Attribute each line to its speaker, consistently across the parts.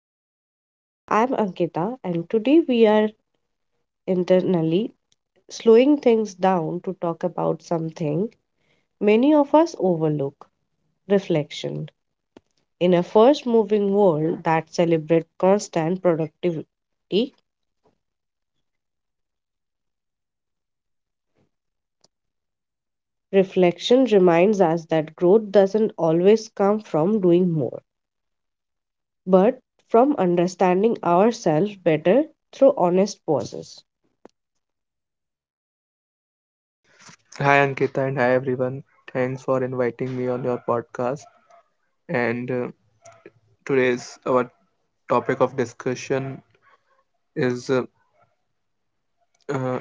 Speaker 1: Lifestyle. I'm Ankita, and today we are internally slowing things down to talk about something many of us overlook reflection. In a fast moving world that celebrates constant productivity, reflection reminds us that growth doesn't always come from doing more, but from understanding ourselves better through honest pauses.
Speaker 2: Hi Ankita and hi everyone. Thanks for inviting me on your podcast. And Today's our topic of discussion is uh,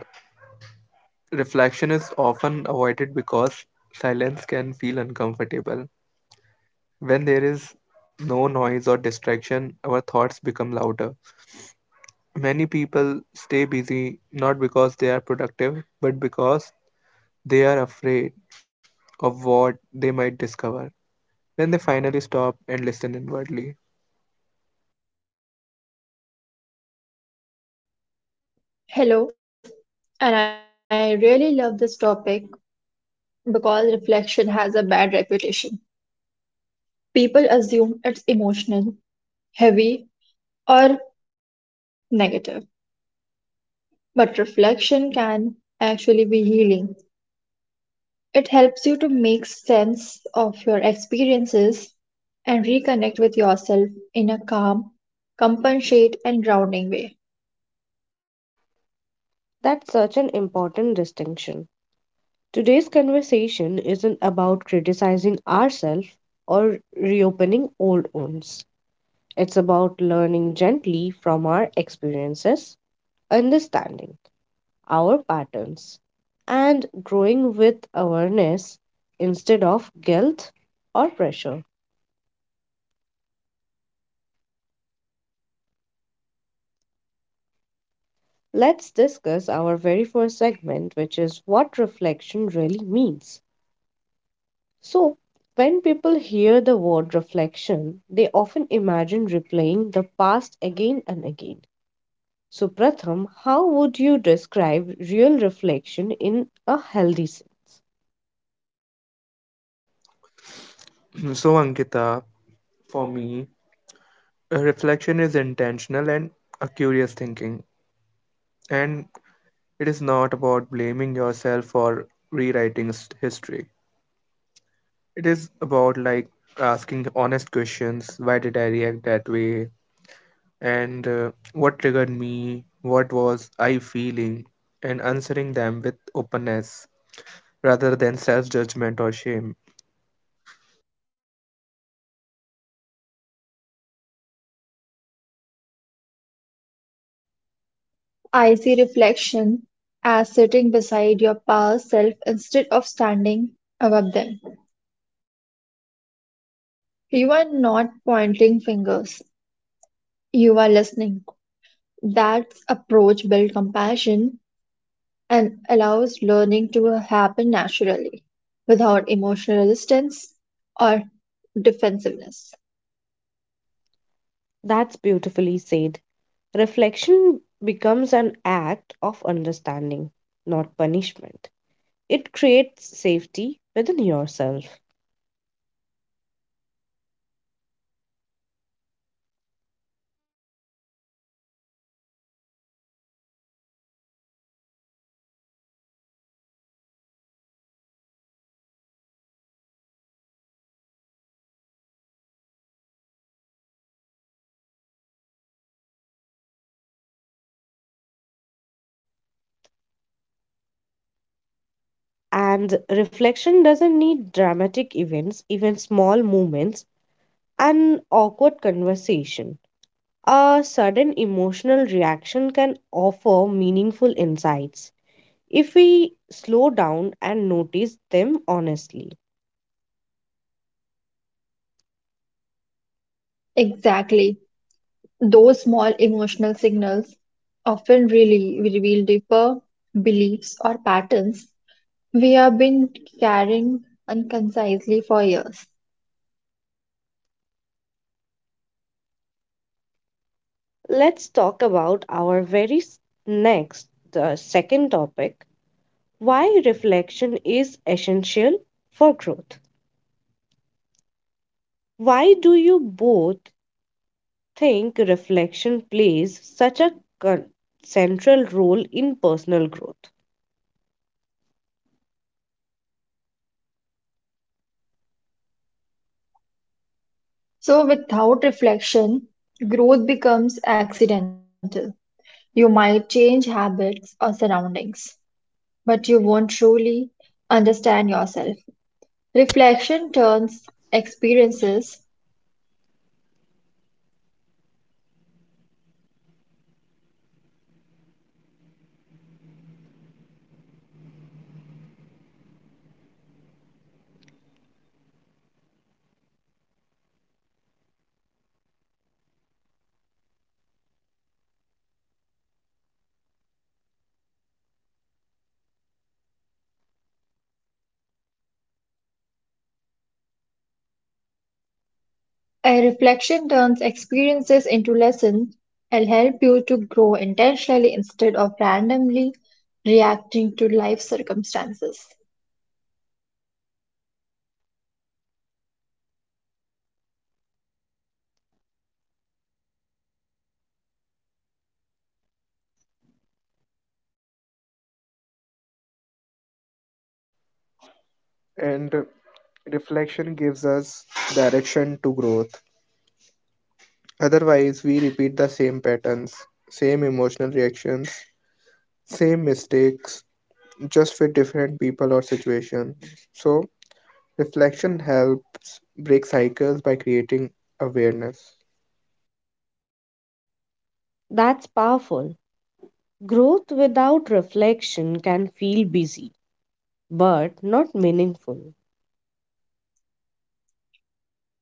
Speaker 2: reflection is often avoided because silence can feel uncomfortable. When there is no noise or distraction, our thoughts become louder. Many people stay busy not because they are productive, but because they are afraid of what they might discover when they finally stop and listen inwardly.
Speaker 3: Hello, and I really love this topic because reflection has a bad reputation. People assume it's emotional, heavy, or negative, but reflection can actually be healing. It helps you to make sense of your experiences and reconnect with yourself in a calm, compassionate, and grounding way.
Speaker 1: That's such an important distinction. Today's conversation isn't about criticizing ourselves or reopening old wounds. It's about learning gently from our experiences, understanding our patterns, and growing with awareness instead of guilt or pressure. Let's discuss our very first segment, which is what reflection really means. So, when people hear the word reflection, they often imagine replaying the past again and again. So, Pratham, how would you describe real reflection in a healthy sense?
Speaker 2: So, Ankita, for me, a reflection is intentional and a curious thinking, and it is not about blaming yourself for history. It is about like asking honest questions, why did I react that way? And What triggered me? What was I feeling? And answering them with openness rather than self judgment or shame.
Speaker 3: I see reflection as sitting beside your past self instead of standing above them. You are not pointing fingers. You are listening. That approach builds compassion and allows learning to happen naturally, without emotional resistance or defensiveness.
Speaker 1: That's beautifully said. Reflection becomes an act of understanding, not punishment. It creates safety within yourself. And reflection doesn't need dramatic events, even small moments, and awkward conversation. A sudden emotional reaction can offer meaningful insights if we slow down and notice them honestly.
Speaker 3: Exactly. Those small emotional signals often really reveal deeper beliefs or patterns we have been carrying unconcisely for years.
Speaker 1: Let's talk about our very next, the second topic why reflection is essential for growth. Why do you both think reflection plays such a con- central role in personal growth?
Speaker 3: So, without reflection, growth becomes accidental. You might change habits or surroundings, but you won't truly understand yourself. Reflection turns experiences, a reflection turns experiences into lessons and help you to grow intentionally instead of randomly reacting to life circumstances.
Speaker 2: And reflection gives us direction to growth. Otherwise, we repeat the same patterns, same emotional reactions, same mistakes, just with different people or situation. So, reflection helps break cycles by creating awareness.
Speaker 1: That's powerful. Growth without reflection can feel busy but not meaningful.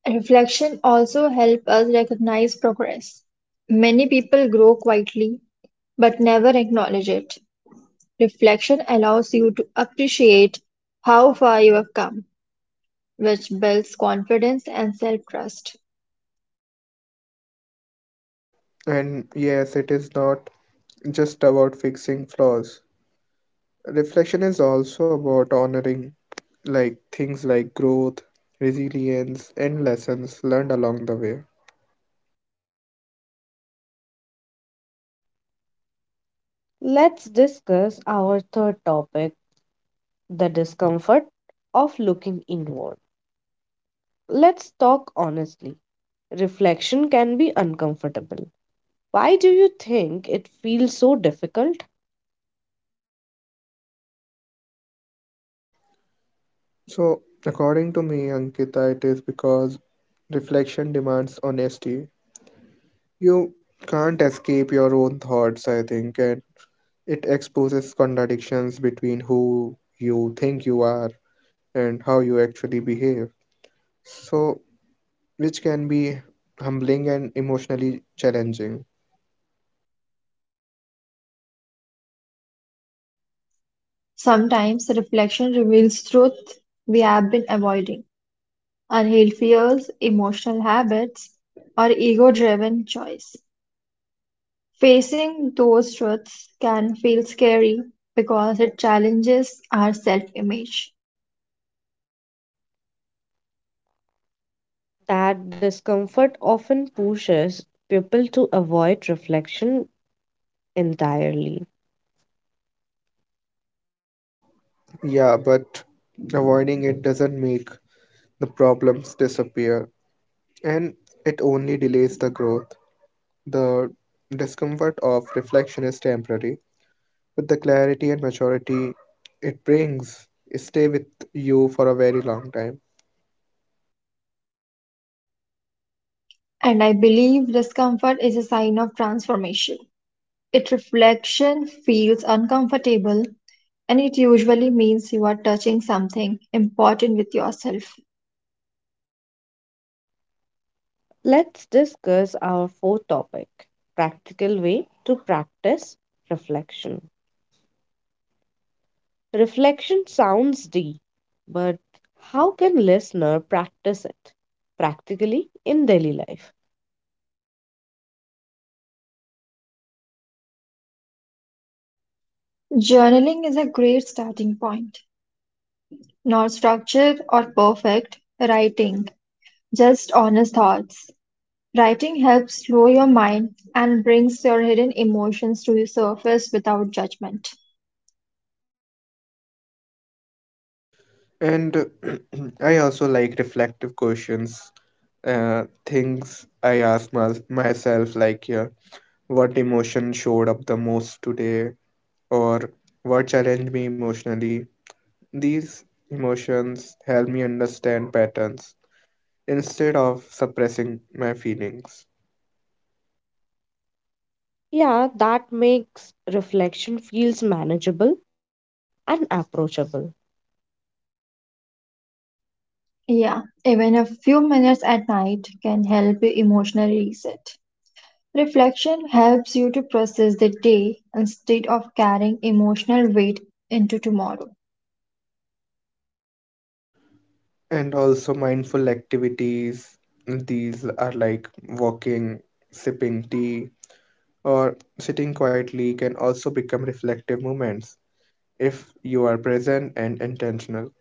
Speaker 3: Reflection also helps us recognize progress. Many people grow quietly but never acknowledge it. Reflection allows you to appreciate how far you have come, which builds confidence and self trust.
Speaker 2: And yes, it is not just about fixing flaws. Reflection is also about honoring like things like growth, resilience, and lessons learned along the way.
Speaker 1: Let's discuss our third topic the discomfort of looking inward. Let's talk honestly. Reflection can be uncomfortable. Why do you think it feels so difficult?
Speaker 2: So, according to me, Ankita, it is because reflection demands honesty. You can't escape your own thoughts, I think, and it exposes contradictions between who you think you are and how you actually behave. So, which can be humbling and emotionally challenging.
Speaker 3: Sometimes reflection reveals truth we have been avoiding, unhealed fears, emotional habits, or ego driven choice. Facing those truths can feel scary because it challenges our self image.
Speaker 1: That discomfort often pushes people to avoid reflection entirely.
Speaker 2: Yeah, but avoiding it doesn't make the problems disappear, and it only delays the growth. The discomfort of reflection is temporary with the clarity and maturity it brings stay with you for a very long time.
Speaker 3: And I believe discomfort is a sign of transformation. If reflection feels uncomfortable, and it usually means you are touching something important with yourself.
Speaker 1: Let's discuss our fourth topic practical way to practice reflection. Reflection sounds deep, but how can listener practice it practically in daily life?
Speaker 3: Journaling is a great starting point. Not structured or perfect writing, just honest thoughts. Writing helps slow your mind and brings your hidden emotions to the surface without judgment.
Speaker 2: And I also like reflective questions, uh, things I ask myself like, yeah, what emotion showed up the most today or what challenged me emotionally. These emotions help me understand patterns instead of suppressing my feelings.
Speaker 1: Yeah, that makes reflection feels manageable and approachable.
Speaker 3: Yeah, even a few minutes at night can help you emotionally reset. Reflection helps you to process the day instead of carrying emotional weight into tomorrow.
Speaker 2: And also mindful activities. These are like walking, sipping tea, or sitting quietly can also become reflective movements if you are present and intentional.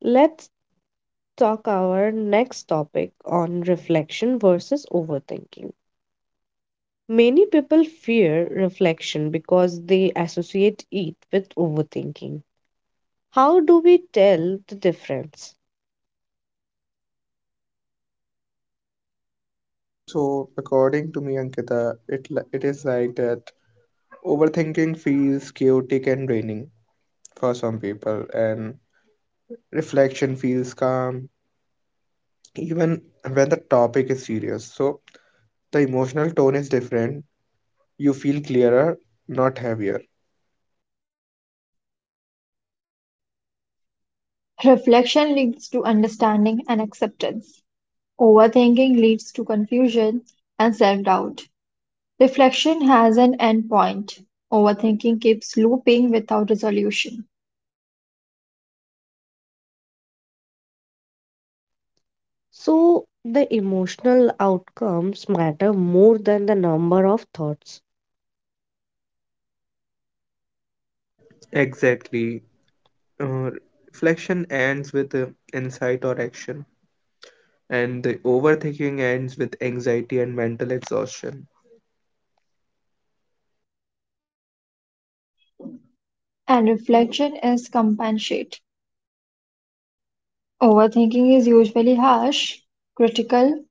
Speaker 1: Let's talk our next topic on reflection versus overthinking. Many people fear reflection because they associate it with overthinking. How do we tell the difference?
Speaker 2: So, according to me, Ankita, it is like that overthinking feels chaotic and draining for some people, and reflection feels calm even when the topic is serious. So, the emotional tone is different. You feel clearer, not heavier.
Speaker 3: Reflection leads to understanding and acceptance. Overthinking leads to confusion and self doubt. Reflection has an end point. Overthinking keeps looping without resolution.
Speaker 1: So the emotional outcomes matter more than the number of thoughts.
Speaker 2: Exactly. Uh, Reflection ends with insight or action, and the overthinking ends with anxiety and mental exhaustion.
Speaker 3: And reflection is compensate. Overthinking is usually harsh, critical,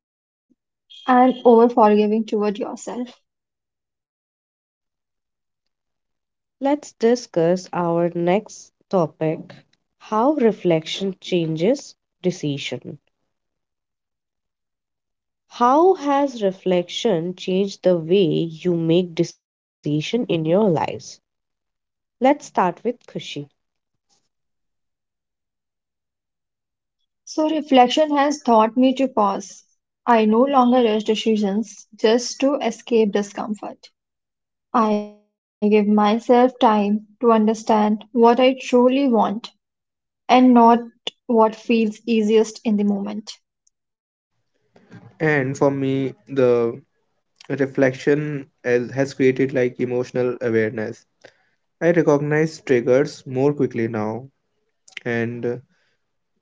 Speaker 3: and over forgiving toward yourself.
Speaker 1: Let's discuss our next topic how reflection changes decision. How has reflection changed the way you make decision in your lives? Let's start with Kushi.
Speaker 3: So reflection has taught me to pause. I no longer rush decisions just to escape discomfort. I give myself time to understand what I truly want and not what feels easiest in the moment.
Speaker 2: And for me, the reflection has created like emotional awareness. I recognize triggers more quickly now, and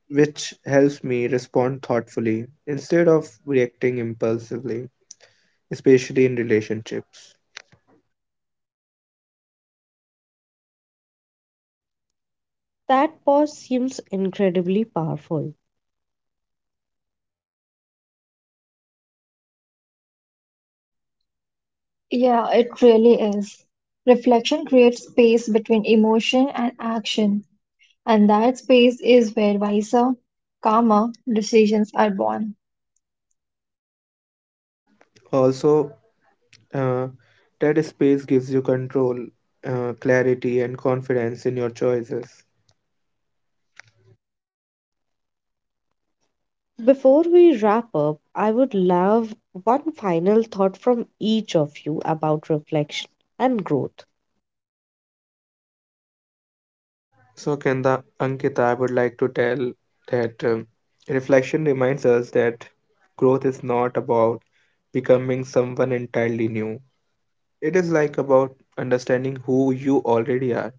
Speaker 2: which helps me respond thoughtfully instead of reacting impulsively, especially in relationships.
Speaker 1: That pause seems incredibly powerful.
Speaker 3: Yeah, it really is. Reflection creates space between emotion and action, and that space is where wiser, calmer decisions are born.
Speaker 2: Also, uh, that space gives you control, clarity, and confidence in your choices.
Speaker 1: Before we wrap up, I would love one final thought from each of you about reflection and growth.
Speaker 2: So, Kenda, Ankita, I would like to tell that reflection reminds us that growth is not about becoming someone entirely new. It is like about understanding who you already are,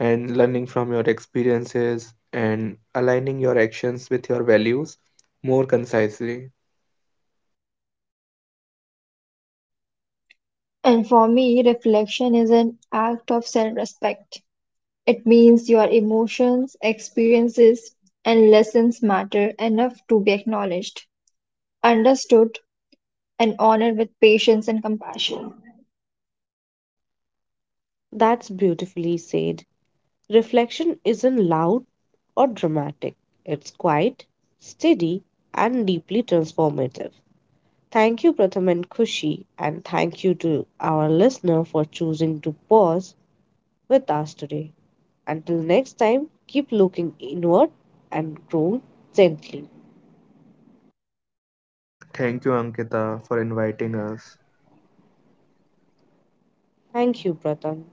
Speaker 2: and learning from your experiences and aligning your actions with your values more concisely.
Speaker 3: And for me, reflection is an act of self respect. It means your emotions, experiences, and lessons matter enough to be acknowledged, understood, and honored with patience and compassion.
Speaker 1: That's beautifully said. Reflection isn't loud or dramatic, it's quiet, steady, and deeply transformative. Thank you, Pratham and Kushi, and thank you to our listener for choosing to pause with us today. Until next time, keep looking inward and grow gently.
Speaker 2: Thank you, Ankita, for inviting us.
Speaker 1: Thank you, Pratham.